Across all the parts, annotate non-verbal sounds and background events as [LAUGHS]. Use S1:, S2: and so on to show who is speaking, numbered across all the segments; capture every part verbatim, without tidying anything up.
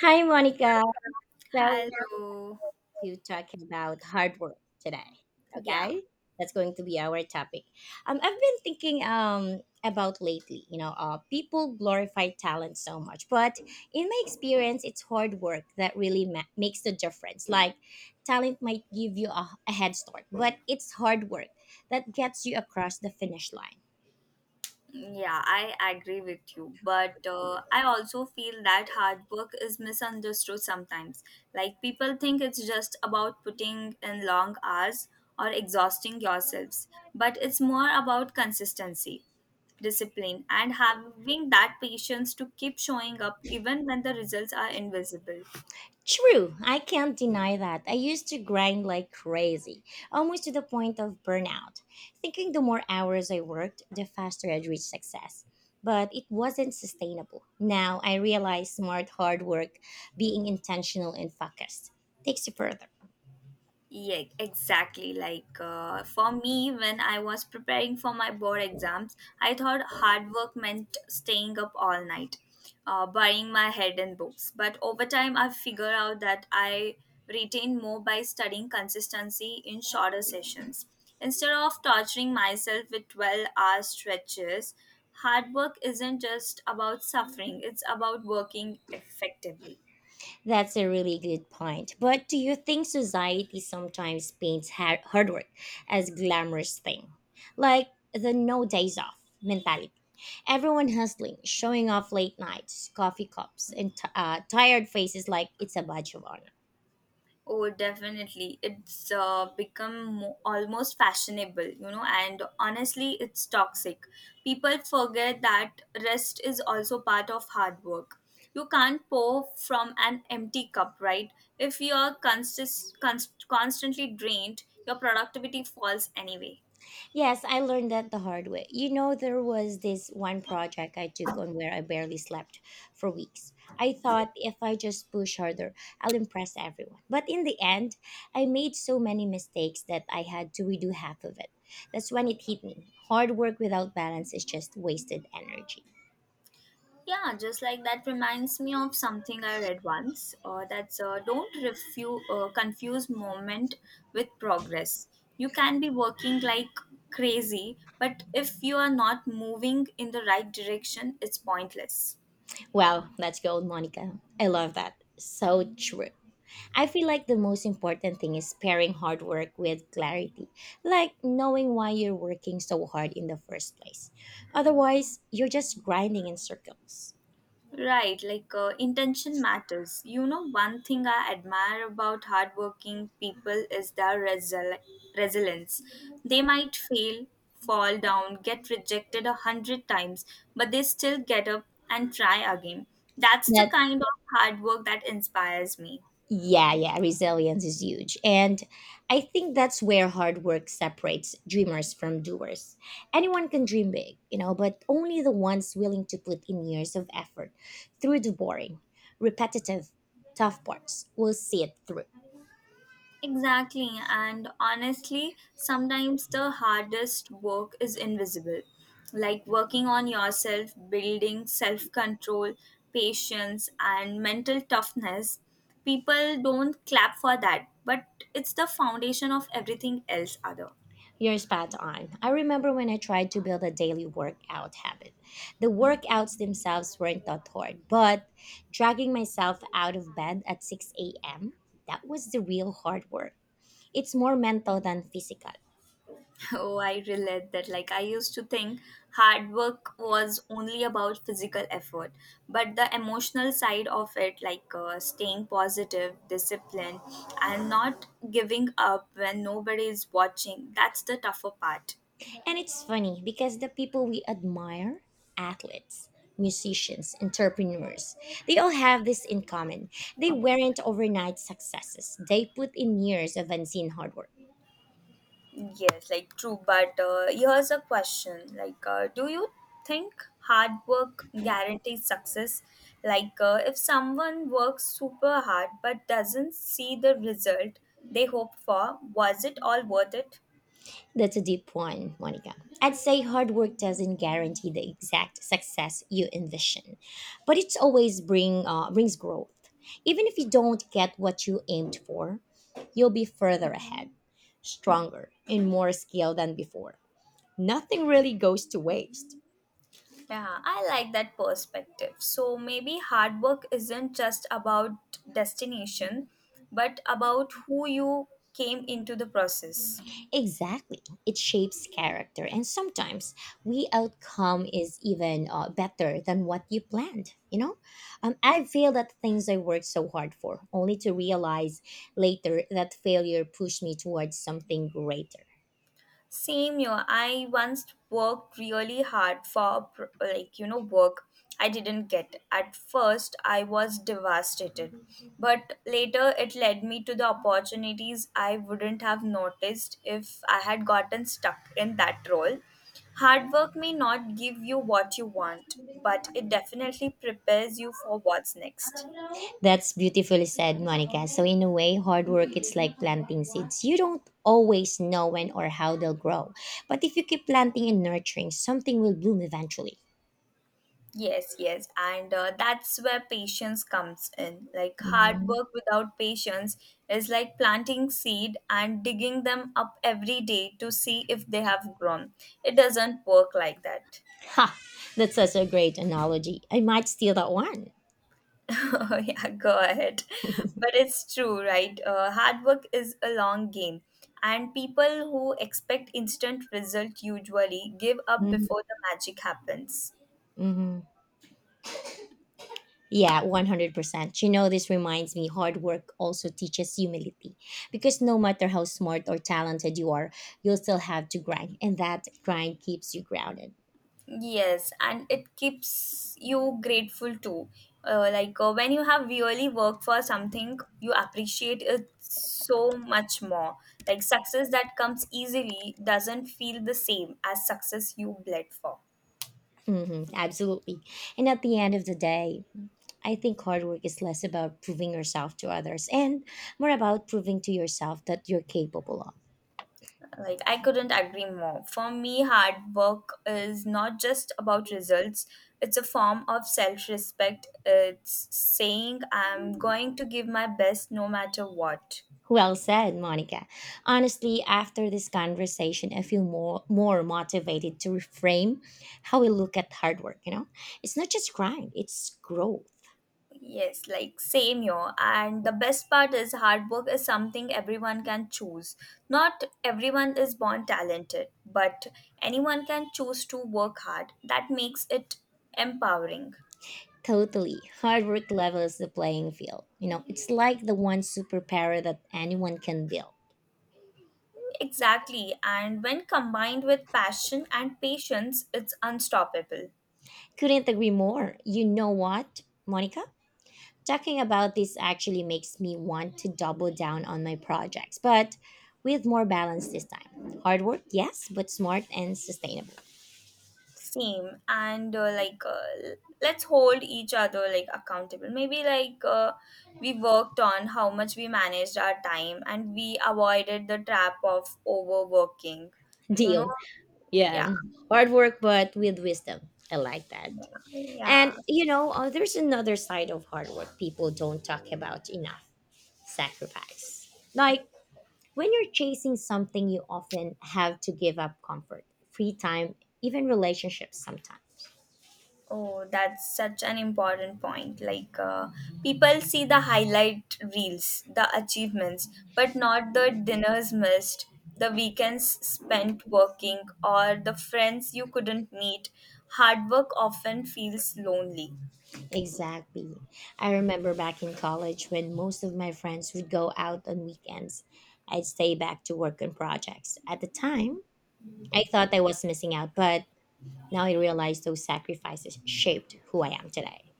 S1: Hi, Monica. So,
S2: Hello.
S1: to talk about hard work today.
S2: Yeah,
S1: Okay, that's going to be our topic. Um, I've been thinking um about lately. You know, uh, people glorify talent so much, but in my experience, it's hard work that really ma- makes the difference. Like, talent might give you a, a head start, but it's hard work that gets you across the finish line.
S2: yeah, I agree with you. But uh, I also feel that hard work is misunderstood sometimes. Like people think it's just about putting in long hours or exhausting yourselves, but it's more about consistency, discipline, and having that patience to keep showing up even when the results are invisible.
S1: True, I can't deny that. I used to grind like crazy, almost to the point of burnout, thinking the more hours I worked, the faster I'd reach success. But it wasn't sustainable. Now I realize smart hard work, being intentional and focused, takes you further.
S2: Yeah, exactly. Like uh, for me, when I was preparing for my board exams, I thought hard work meant staying up all night, uh, burying my head in books. But over time, I figured out that I retained more by studying consistency in shorter sessions. Instead of torturing myself with twelve hour stretches, hard work isn't just about suffering, it's about working effectively.
S1: That's a really good point. But do you think society sometimes paints ha- hard work as glamorous thing? Like the no days off mentality? Everyone hustling, showing off late nights, coffee cups, and t- uh, tired faces like it's a badge of honor.
S2: Oh, definitely. It's uh, become mo- almost fashionable, you know, and honestly, it's toxic. People forget that rest is also part of hard work. You can't pour from an empty cup, right? If you're consist- const- constantly drained, your productivity falls anyway.
S1: Yes, I learned that the hard way. You know, there was this one project I took on where I barely slept for weeks. I thought if I just push harder, I'll impress everyone. But in the end, I made so many mistakes that I had to redo half of it. That's when it hit me. Hard work without balance is just wasted energy.
S2: Yeah, just like that reminds me of something I read once. Uh, that's uh, don't refu- uh, confuse moment with progress. You can be working like crazy, but if you are not moving in the right direction, it's pointless.
S1: Wow, that's gold, Monica. I love that. So true. I feel like the most important thing is pairing hard work with clarity, like knowing why you're working so hard in the first place. Otherwise, you're just grinding in circles.
S2: Right, like uh, intention matters. You know, one thing I admire about hardworking people is their resili resilience. They might fail, fall down, get rejected a hundred times, but they still get up and try again. That's the
S1: That
S2: kind of hard work that inspires me.
S1: yeah, yeah, resilience is huge. And I think that's where hard work separates dreamers from doers. Anyone can dream big, you know, but only the ones willing to put in years of effort through the boring, repetitive, tough parts will see it through.
S2: Exactly, and honestly, sometimes the hardest work is invisible. Like working on yourself, building self control, patience, and mental toughness. People don't clap for that, but it's the foundation of everything else, other.
S1: You're spot on. I remember when I tried to build a daily workout habit. The workouts themselves weren't that hard, but dragging myself out of bed at six a m, that was the real hard work. It's more mental than physical.
S2: Oh, I relate that. Like, I used to think hard work was only about physical effort, but the emotional side of it, like uh, staying positive, disciplined, and not giving up when nobody is watching, that's the tougher part.
S1: And it's funny because the people we admire athletes, musicians, entrepreneurs they all have this in common. They weren't overnight successes, they put in years of unseen hard work.
S2: Yes, like true. But uh, here's a question: like, uh, do you think hard work guarantees success? Like, uh, if someone works super hard but doesn't see the result they hoped for, was it all worth it?
S1: That's a deep one, Monica. I'd say hard work doesn't guarantee the exact success you envision, but it's always bring uh, brings growth. Even if you don't get what you aimed for, you'll be further ahead, stronger, and more skilled than before. Nothing really goes to waste.
S2: Yeah, I like that perspective. So maybe hard work isn't just about destination, but about who you came into the process.
S1: Exactly. It shapes character, and sometimes we outcome is even uh, better than what you planned. You know, um, I failed at things I worked so hard for, only to realize later that failure pushed me towards something greater.
S2: Same here. I once worked really hard for pr- like you know work I didn't get. At first, I was devastated, but later it led me to the opportunities I wouldn't have noticed if I had gotten stuck in that role. Hard work may not give you what you want, but it definitely prepares you for what's next.
S1: That's beautifully said, Monica. So in a way, hard work it's like planting seeds. You don't always know when or how they'll grow, but if you keep planting and nurturing, something will bloom eventually.
S2: Yes, yes, and uh, that's where patience comes in. Like hard
S1: Mhm.
S2: work without patience is like planting seed and digging them up every day to see if they have grown. It doesn't work like that.
S1: Ha! That's such a great analogy. I might steal that one.
S2: [LAUGHS] Oh, yeah, go ahead. But it's true, right? Uh, hard work is a long game, and people who expect instant result usually give up
S1: Mm-hmm.
S2: before the magic happens.
S1: Mm-hmm. Yeah, one hundred percent. You know, this reminds me hard work also teaches humility because no matter how smart or talented you are, you'll still have to grind, and that grind keeps you grounded.
S2: Yes, and it keeps you grateful too. Uh, like uh, when you have really worked for something, you appreciate it so much more. Like success that comes easily doesn't feel the same as success you bled for.
S1: Hmm, absolutely. And at the end of the day, I think hard work is less about proving yourself to others and more about proving to yourself that you're capable of.
S2: Like I couldn't agree more. For me, hard work is not just about results, it's a form of self respect. It's saying I'm going to give my best no matter what.
S1: Well said, Monica. Honestly, after this conversation, I feel more more motivated to reframe how we look at hard work, you know? It's not just grind, it's growth.
S2: Yes, like same here. And the best part is hard work is something everyone can choose. Not everyone is born talented, but anyone can choose to work hard. That makes it empowering.
S1: Totally. Hard work levels the playing field. You know, it's like the one superpower that anyone can build.
S2: Exactly. And when combined with passion and patience, it's unstoppable.
S1: Couldn't agree more. You know what, Monica? Talking about this actually makes me want to double down on my projects, but with more balance this time. Hard work, yes, but smart and sustainable.
S2: Same and uh, like uh, l- let's hold each other like accountable maybe like uh, we worked on how much we managed our time and we avoided the trap of overworking you know
S1: Deal.
S2: yeah,
S1: Yeah, hard work, but with wisdom. I like that. And
S2: yeah.
S1: you know, uh, there's another side of hard work people don't talk about enough sacrifice. Like when you're chasing something, you often have to give up comfort, free time, even relationships sometimes.
S2: Oh, that's such an important point. Like, uh, people see the highlight reels, the achievements, but not the dinners missed, the weekends spent working, or the friends you couldn't meet. Hard work often feels lonely.
S1: Exactly. I remember back in college when most of my friends would go out on weekends, I'd stay back to work on projects. At the time, I thought I was missing out, but now I realize those sacrifices shaped who I am today.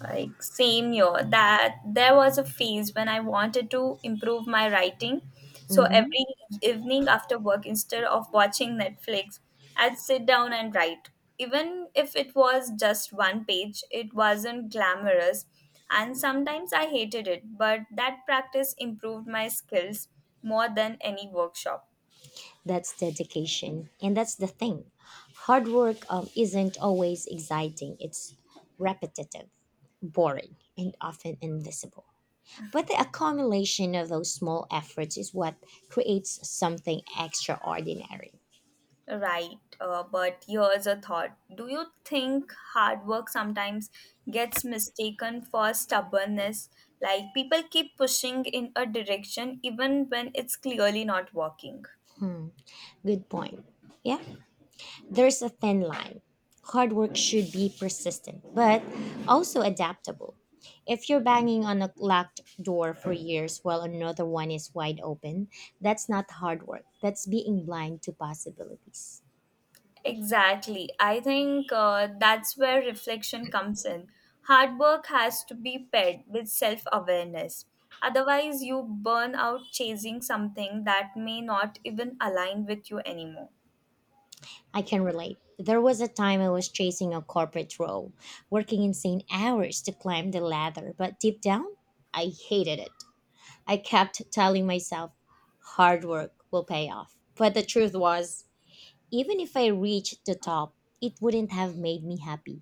S2: Like same year that there was a phase when I wanted to improve my writing. So
S1: Mhm.
S2: every evening after work, instead of watching Netflix, I'd sit down and write. Even if it was just one page, it wasn't glamorous, and sometimes I hated it, but that practice improved my skills more than any workshop.
S1: That's dedication. And that's the thing. Hard work um, isn't always exciting, it's repetitive, boring, and often invisible. But the accumulation of those small efforts is what creates something extraordinary.
S2: Right, uh, but here's a thought. Do you think hard work sometimes gets mistaken for stubbornness? Like people keep pushing in a direction even when it's clearly not working.
S1: Good point. Yeah, there's a thin line. Hard work should be persistent, but also adaptable. If you're banging on a locked door for years while another one is wide open, that's not hard work. That's being blind to possibilities.
S2: Exactly. I think uh, that's where reflection comes in. Hard work has to be paired with self awareness. Otherwise, you burn out chasing something that may not even align with you anymore.
S1: I can relate. There was a time I was chasing a corporate role, working insane hours to climb the ladder, but deep down, I hated it. I kept telling myself, hard work will pay off. But the truth was, even if I reached the top, it wouldn't have made me happy.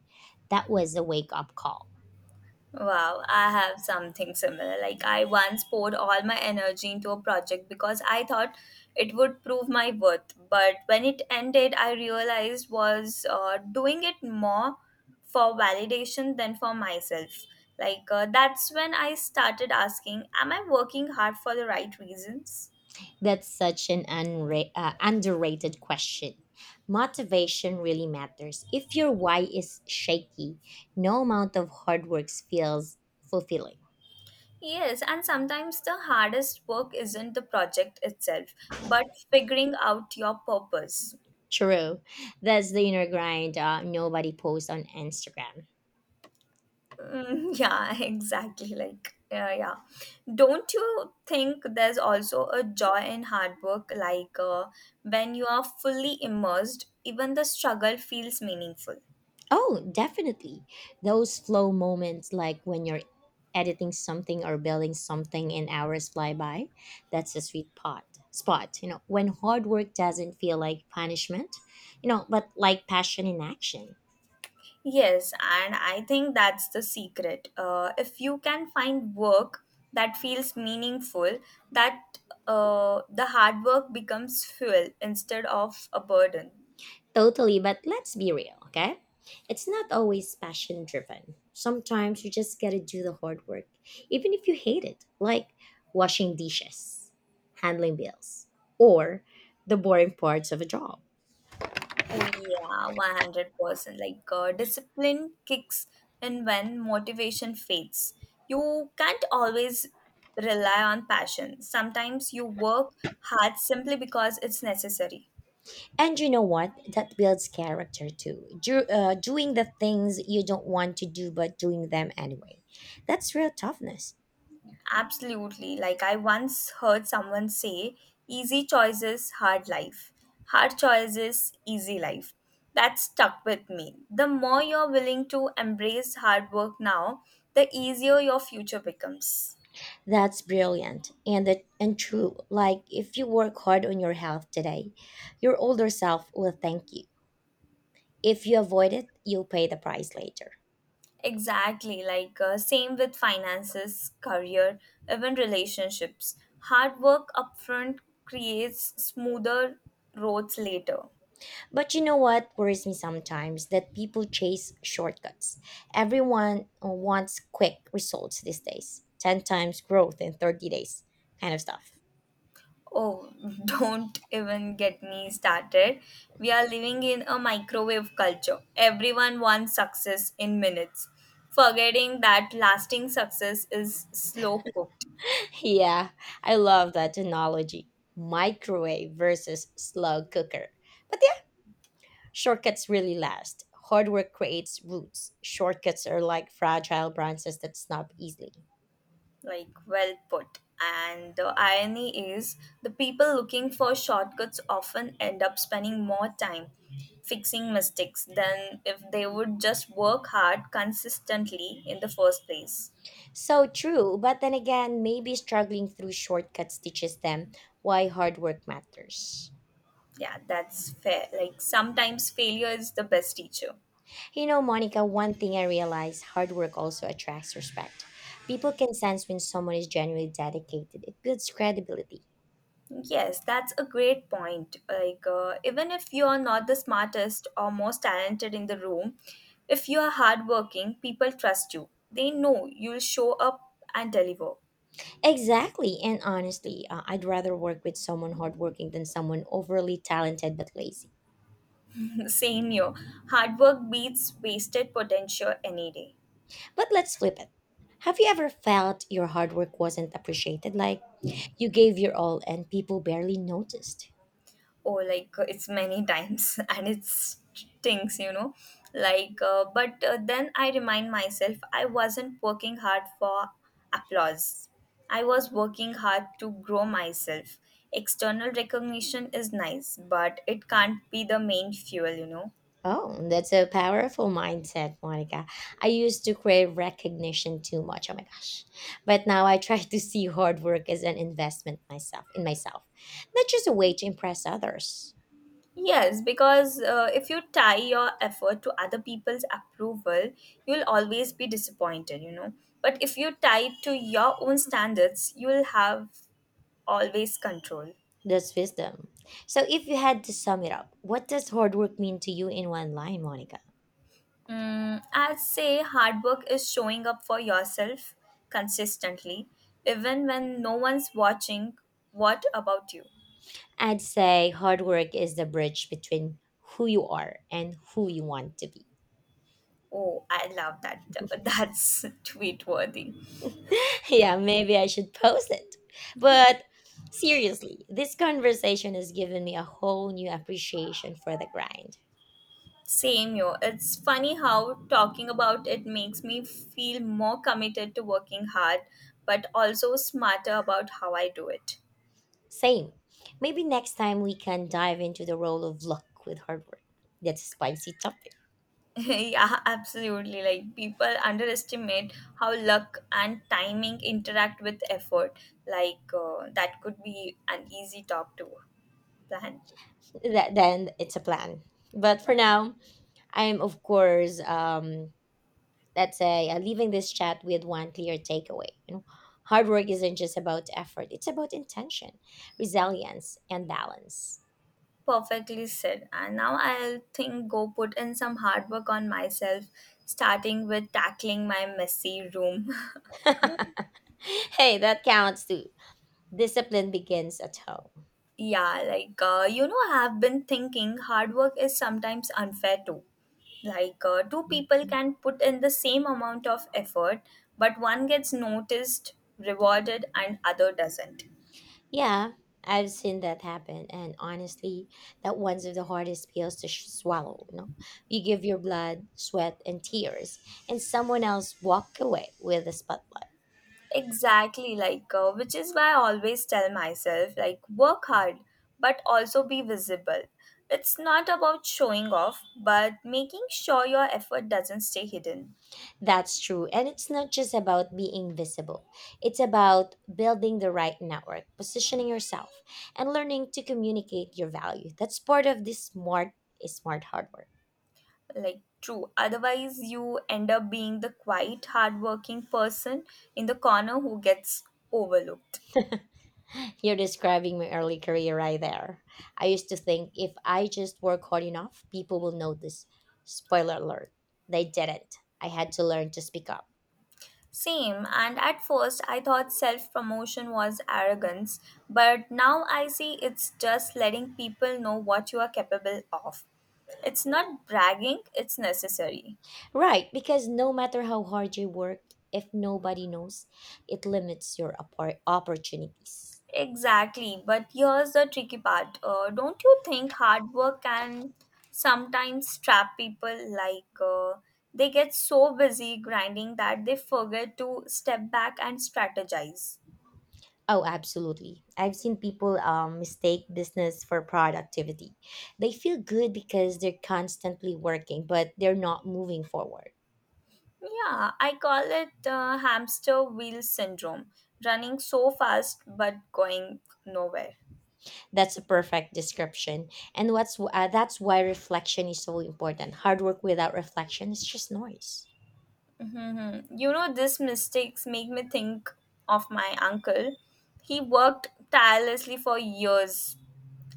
S1: That was a wake up call.
S2: Wow, I have something similar. Like, I once poured all my energy into a project because I thought it would prove my worth. But when it ended, I realized was uh, doing it more for validation than for myself. Like, uh, that's when I started asking, am I working hard for the right reasons?
S1: That's such an unra- uh, underrated question. Motivation really matters. If your why is shaky, no amount of hard work feels fulfilling.
S2: Yes, and sometimes the hardest work isn't the project itself, but figuring out your purpose.
S1: True. That's the inner grind uh, nobody posts on Instagram.
S2: Mm, yeah, [LAUGHS] exactly. Like, uh, yeah. Don't you think there's also a joy in hard work? Like, uh, when you are fully immersed, even the struggle feels meaningful.
S1: Oh, definitely. Those flow moments, like when you're editing something or building something and hours fly by, that's a sweet pot, spot. You know, when hard work doesn't feel like punishment, you know, but like passion in action.
S2: Yes, and I think that's the secret. Uh, if you can find work that feels meaningful, that uh, the hard work becomes fuel instead of a burden.
S1: Totally, but let's be real, okay? It's not always passion driven. Sometimes you just gotta do the hard work, even if you hate it, like washing dishes, handling bills, or the boring parts of a job.
S2: Oh yeah, one hundred percent. Like uh, discipline kicks in when motivation fades. You can't always rely on passion. Sometimes you work hard simply because it's necessary.
S1: And you know what? That builds character too. Do, uh, doing the things you don't want to do, but doing them anyway. That's real toughness.
S2: Absolutely. Like I once heard someone say, easy choices, hard life. Hard choices, easy life. That stuck with me. The more you're willing to embrace hard work now, the easier your future becomes.
S1: That's brilliant and that and true. Like if you work hard on your health today, your older self will thank you. If you avoid it, you'll pay the price later.
S2: Exactly, like uh, same with finances, career, even relationships. Hard work upfront creates smoother roads later.
S1: But you know what worries me sometimes? That people chase shortcuts. Everyone uh, wants quick results these days ten times growth in thirty days, kind of stuff.
S2: Oh, [LAUGHS] don't even get me started. We are living in a microwave culture. Everyone wants success in minutes, forgetting that lasting success is slow cooked.
S1: [LAUGHS] Yeah, I love that analogy microwave versus slow cooker. But yeah, shortcuts really last. Hard work creates roots. Shortcuts are like fragile branches that snap easily.
S2: Like, well put. And the irony is the people looking for shortcuts often end up spending more time fixing mistakes than if they would just work hard consistently in the first place.
S1: So true, but then again, maybe struggling through shortcuts teaches them why hard work matters.
S2: Yeah, that's fair. Like, sometimes failure is the best teacher.
S1: You know, Monica, one thing I realized hard work also attracts respect. People can sense when someone is genuinely dedicated, it builds credibility.
S2: Yes, that's a great point. Like, uh, even if you are not the smartest or most talented in the room, if you are hardworking, people trust you. They know you'll show up and deliver.
S1: Exactly, and honestly, uh, I'd rather work with someone hardworking than someone overly talented but lazy.
S2: Same here. Hard work beats wasted potential any day.
S1: But let's flip it. Have you ever felt your hard work wasn't appreciated? Like you gave your all and people barely noticed?
S2: Oh, like uh, it's many times [LAUGHS] and it stinks, you know. Like, uh, but uh, then I remind myself I wasn't working hard for applause. I was working hard to grow myself. External recognition is nice, but it can't be the main fuel, you know.
S1: Oh, that's a powerful mindset, Monica. I used to crave recognition too much. Oh my gosh. But now I try to see hard work as an investment myself in myself, not just a way to impress others.
S2: Yes, because uh, if you tie your effort to other people's approval, you'll always be disappointed, you know. But if you tie it to your own standards, you'll have always control.
S1: That's wisdom. So if you had to sum it up, what does hard work mean to you in one line, Monica?
S2: Mm, I'd say hard work is showing up for yourself consistently, even when no one's watching. What about you?
S1: I'd say hard work is the bridge between who you are and who you want to be.
S2: Oh, I love that. [LAUGHS] That's tweet worthy.
S1: [LAUGHS] Yeah, maybe I should post it. But seriously, this conversation has given me a whole new appreciation for the grind.
S2: Same, yo. It's funny how talking about it makes me feel more committed to working hard, but also smarter about how I do it.
S1: Same. Maybe next time we can dive into the role of luck with hard work. That's a spicy topic.
S2: [LAUGHS] Yeah, absolutely. Like, people underestimate how luck and timing interact with effort. Like, uh, that could be an easy talk to plan.
S1: That, then it's a plan. But for now, I'm of course, um, let's say, uh, leaving this chat with one clear takeaway. You know, hard work isn't just about effort; it's about intention, resilience, and balance.
S2: Perfectly said. And now I'll think go put in some hard work on myself, starting with tackling my messy room. [LAUGHS]
S1: [LAUGHS] Hey, that counts too. Discipline begins at home.
S2: Yeah, like, uh, you know, I have been thinking hard work is sometimes unfair too. Like, uh, two people
S1: Mhm.
S2: can put in the same amount of effort, but one gets noticed, rewarded, and other doesn't.
S1: Yeah, I've seen that happen, and honestly, that one's of the hardest pills to sh- swallow. You know, you give your blood, sweat, and tears, and someone else walk away with the spotlight.
S2: Exactly, like, uh, which is why I always tell myself, like, work hard, but also be visible. It's not about showing off, but making sure your effort doesn't stay hidden.
S1: That's true, and it's not just about being visible. It's about building the right network, positioning yourself, and learning to communicate your value. That's part of this smart is smart hardware.
S2: Like true, otherwise you end up being the quiet hardworking person in the corner who gets overlooked.
S1: You're describing my early career right there. I used to think if I just work hard enough, people will notice. Spoiler alert, they didn't. I had to learn to speak up.
S2: Same, and at first I thought self promotion was arrogance, but now I see it's just letting people know what you are capable of. It's not bragging, it's necessary.
S1: Right, because no matter how hard you work, if nobody knows, it limits your oppor- opportunities.
S2: Exactly, but here's the tricky part. Uh, don't you think hard work can sometimes trap people? Like uh, they get so busy grinding that they forget to step back and strategize.
S1: Oh, absolutely. I've seen people um, mistake business for productivity. They feel good because they're constantly working, but they're not moving forward.
S2: Yeah, I call it uh, hamster wheel syndrome running so fast but going nowhere.
S1: That's a perfect description. And what's uh, That's why reflection is so important. Hard work without reflection is just noise.
S2: hmm You know, these mistakes make me think of my uncle. He worked tirelessly for years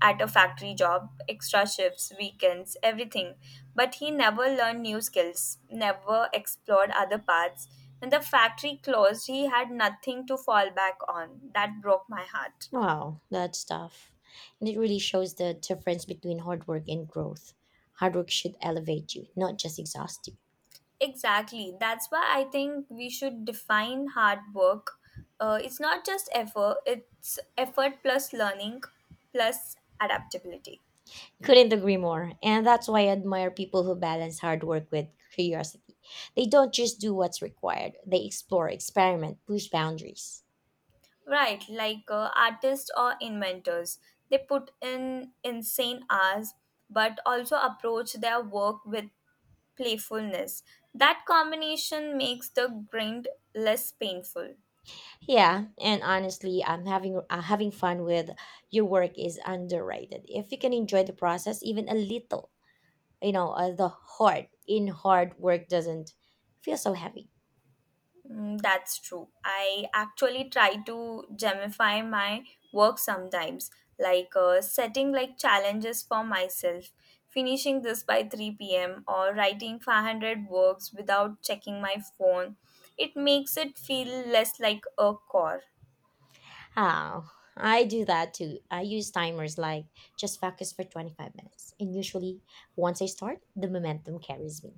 S2: at a factory job, extra shifts, weekends, everything. But he never learned new skills, never explored other paths. When the factory closed, he had nothing to fall back on. That broke my heart.
S1: Wow, that's tough. And it really shows the difference between hard work and growth. Hard work should elevate you, not just exhaust you.
S2: Exactly. That's why I think we should define hard work. Uh, it's not just effort, it's effort plus learning plus adaptability.
S1: Couldn't agree more. And that's why I admire people who balance hard work with curiosity. They don't just do what's required, they explore, experiment, push boundaries.
S2: Right, like uh, artists or inventors. They put in insane hours but also approach their work with playfulness. That combination makes the grind less painful.
S1: Yeah, and honestly, I'm having uh, having fun with your work is underrated. If you can enjoy the process even a little, you know, uh, the hard in hard work doesn't feel so heavy.
S2: Mm, that's true. I actually try to gamify my work sometimes, like uh, setting like challenges for myself, finishing this by three p m or writing five hundred works without checking my phone. It makes it feel less like a chore.
S1: Oh, I do that too. I use timers like just focus for twenty-five minutes, and usually once I start, the momentum carries me.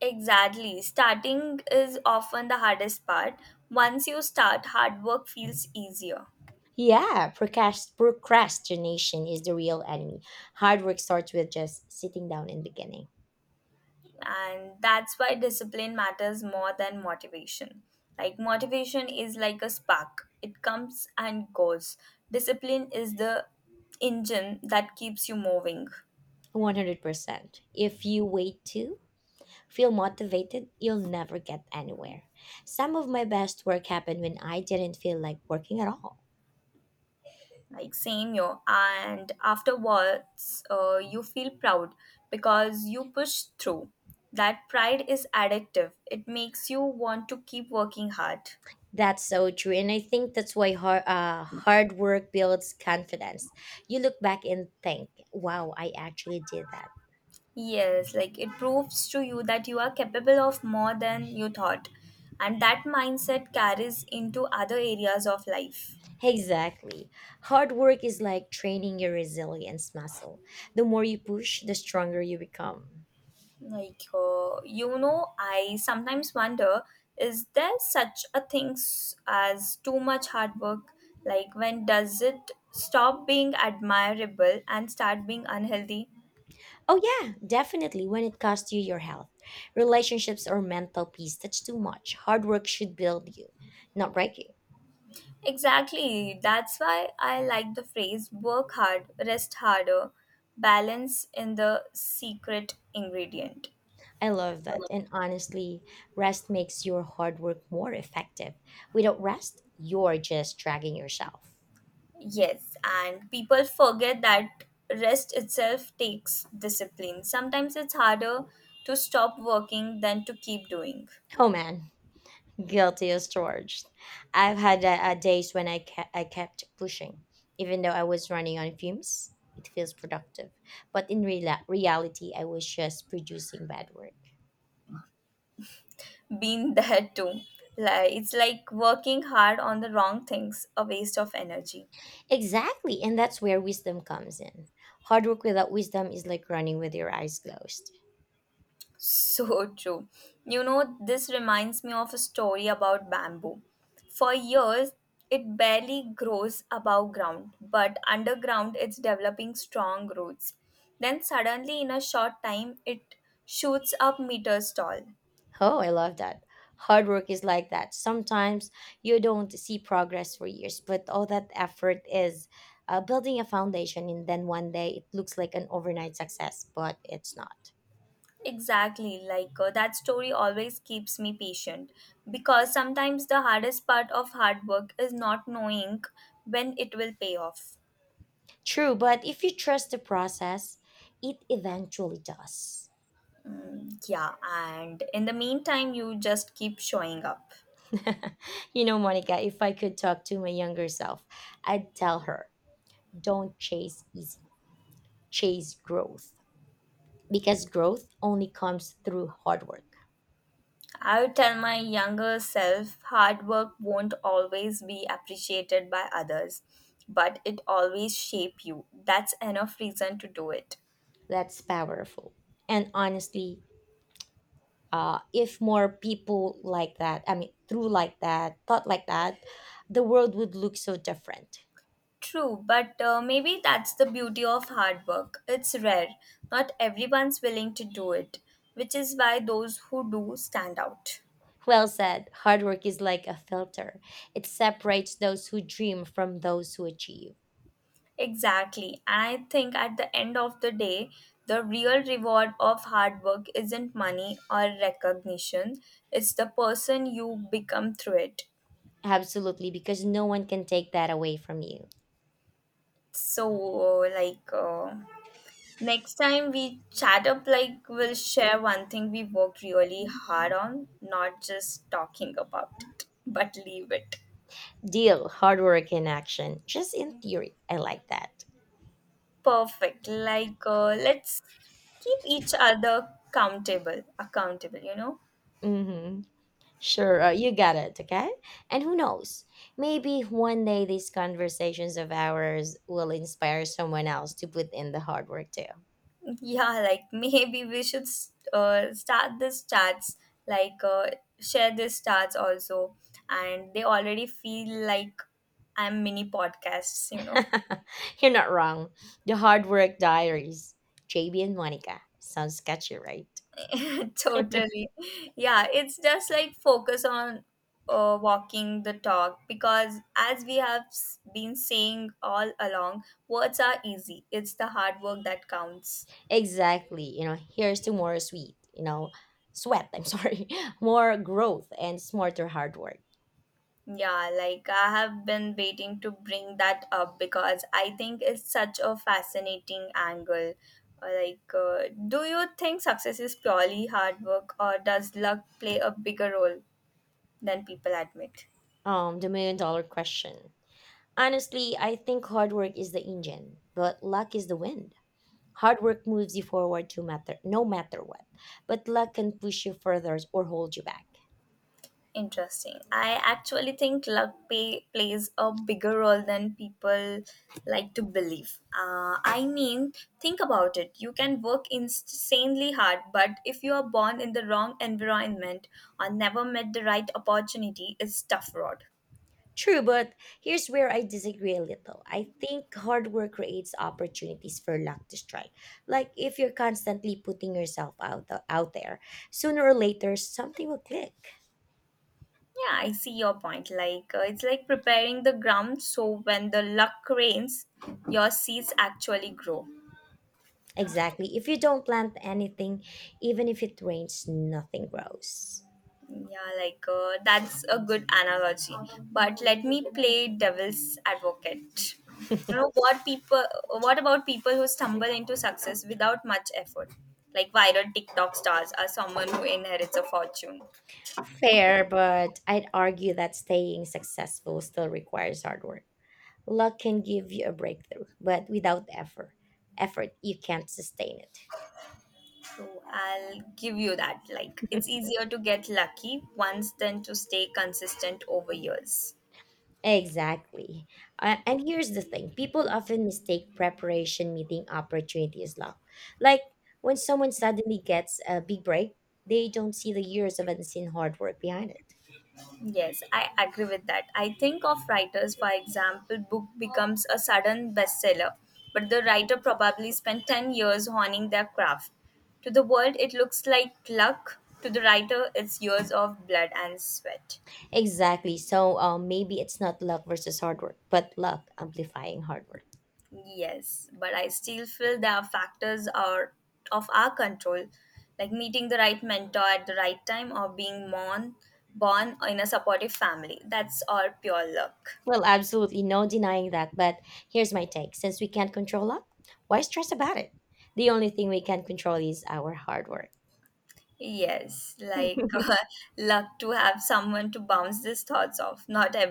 S2: Exactly. Starting is often the hardest part. Once you start, hard work feels easier.
S1: Yeah, procrast- procrastination is the real enemy. Hard work starts with just sitting down and beginning.
S2: And that's why discipline matters more than motivation. Like, motivation is like a spark, it comes and goes. Discipline is the engine that keeps you moving.
S1: one hundred percent. If you wait too feel motivated, you'll never get anywhere. Some of my best work happened when I didn't feel like working at all.
S2: Like same yo, and afterwards uh, you feel proud because you push through. That pride is addictive, it makes you want to keep working hard.
S1: That's so true. And I think that's why hard, uh, hard work builds confidence. You look back and think, wow, I actually did that.
S2: Yes, like it proves to you that you are capable of more than you thought. And that mindset carries into other areas of life.
S1: Exactly. Hard work is like training your resilience muscle. The more you push, the stronger you become.
S2: Like, uh, you know, I sometimes wonder, is there such a thing as too much hard work? Like, when does it stop being admirable and start being unhealthy?
S1: Oh, yeah, definitely when it costs you your health, relationships, or mental peace. That's too much. Hard work should build you, not break you.
S2: Exactly. That's why I like the phrase work hard, rest harder. Balance in the secret ingredient.
S1: I love that. And honestly, rest makes your hard work more effective. Without rest, you're just dragging yourself.
S2: Yes, and people forget that rest itself takes discipline. Sometimes it's harder to stop working than to keep doing.
S1: Oh man, [LAUGHS] guilty as charged. I've had uh, uh, days when I, ke- I kept pushing, even though I was running on fumes. It feels productive. But in reala reality, I was just producing bad work.
S2: Been [LAUGHS] there too. Like, it's like working hard on the wrong things, a waste of energy.
S1: Exactly, and that's where wisdom comes in. Hard work without wisdom is like running with your eyes closed.
S2: So true. You know, this reminds me of a story about bamboo. For years, it barely grows above ground, but underground it's developing strong roots. Then, suddenly, in a short time, it shoots up meters tall.
S1: Oh, I love that. Hard work is like that. Sometimes you don't see progress for years, but all that effort is uh, building a foundation, and then one day it looks like an overnight success, but it's not.
S2: Exactly, like uh, that story always keeps me patient because sometimes the hardest part of hard work is not knowing when it will pay off.
S1: True, but if you trust the process, it eventually does.
S2: Mm, yeah, and in the meantime, you just keep showing up.
S1: [LAUGHS] You know, Monica, if I could talk to my younger self, I'd tell her, don't chase easy, chase growth. Because growth only comes through hard work.
S2: I would tell my younger self hard work won't always be appreciated by others, but it always shape you. That's enough reason to do it.
S1: That's powerful. And honestly, uh, if more people like that, I mean, through like that, thought like that, the world would look so different.
S2: True, but uh, maybe that's the beauty of hard work. It's rare. Not everyone's willing to do it, which is why those who do stand out.
S1: Well said. Hard work is like a filter, it separates those who dream from those who achieve.
S2: Exactly. And I think at the end of the day, the real reward of hard work isn't money or recognition, it's the person you become through it.
S1: Absolutely, because no one can take that away from you.
S2: So, uh, like, uh, next time we chat up, like, we'll share one thing we worked really hard on, not just talking about it, but leave it.
S1: Deal, hard work in action, just in theory. I like that.
S2: Perfect. Like, uh, let's keep each other accountable, accountable, you know?
S1: Mm hmm Sure, uh, you got it, okay? And who knows? Maybe one day these conversations of ours will inspire someone else to put in the hard work too.
S2: Yeah, like [LAUGHS] maybe we should s- uh, start this chats, like uh, share this chats also, and they already feel like I'm mini podcasts, you know.
S1: [LAUGHS] You're not wrong. The Hard Work Diaries, J B and Monica. Sounds sketchy, right?
S2: [LAUGHS] Totally. Yeah, it's just like focus on uh, walking the talk because as we have s- been saying all along, words are easy. It's the hard work that counts.
S1: Exactly. You know, here's to more sweet, you know, sweat, I'm sorry, [LAUGHS] more growth and smarter hard work.
S2: Yeah, like I have been waiting to bring that up because I think it's such a fascinating angle. Uh, Like, uh, do you think success is purely hard work, or does luck play a bigger role than people admit?
S1: Um, the million dollar question. Honestly, I think hard work is the engine, but luck is the wind. Hard work moves you forward to matter no matter what, but luck can push you further or hold you back.
S2: Interesting. I actually think luck pay, plays a bigger role than people like to believe. Uh, I mean, think about it. You can work insanely hard, but if you are born in the wrong environment or never met the right opportunity, it's tough road.
S1: True, but here's where I disagree a little. I think hard work creates opportunities for luck to strike. Like if you're constantly putting yourself out the, out there, sooner or later something will click.
S2: Yeah, I see your point. Like uh, it's like preparing the ground so when the luck rains, your seeds actually grow.
S1: Exactly. If you don't plant anything, even if it rains, nothing grows.
S2: Yeah, like uh, that's a good analogy. But let me play devil's advocate. You know what people? what about people who stumble into success without much effort, like viral TikTok stars or someone who inherits a fortune?
S1: Fair, but I'd argue that staying successful still requires hard work. Luck can give you a breakthrough, but without effort, effort you can't sustain it.
S2: So I'll give you that. Like, it's easier to get lucky once than to stay consistent over years.
S1: Exactly. Uh, and here's the thing, people often mistake preparation meeting opportunity as luck. Like when someone suddenly gets a big break, they don't see the years of unseen hard work behind it.
S2: Yes, I agree with that. I think of writers, for example, book becomes a sudden bestseller, but the writer probably spent ten years honing their craft. To the world, it looks like luck. To the writer, it's years of blood and sweat.
S1: Exactly. So um, maybe it's not luck versus hard work, but luck amplifying hard work.
S2: Yes, but I still feel there are factors are of our control, like meeting the right mentor at the right time or being born, born in a supportive family. That's all pure luck.
S1: Well, absolutely no denying that, but here's my take. Since we can't control luck, why stress about it? The only thing we can control is our hard work.
S2: Yes, like
S1: [LAUGHS]
S2: [LAUGHS] luck to have someone to bounce these thoughts off. Not every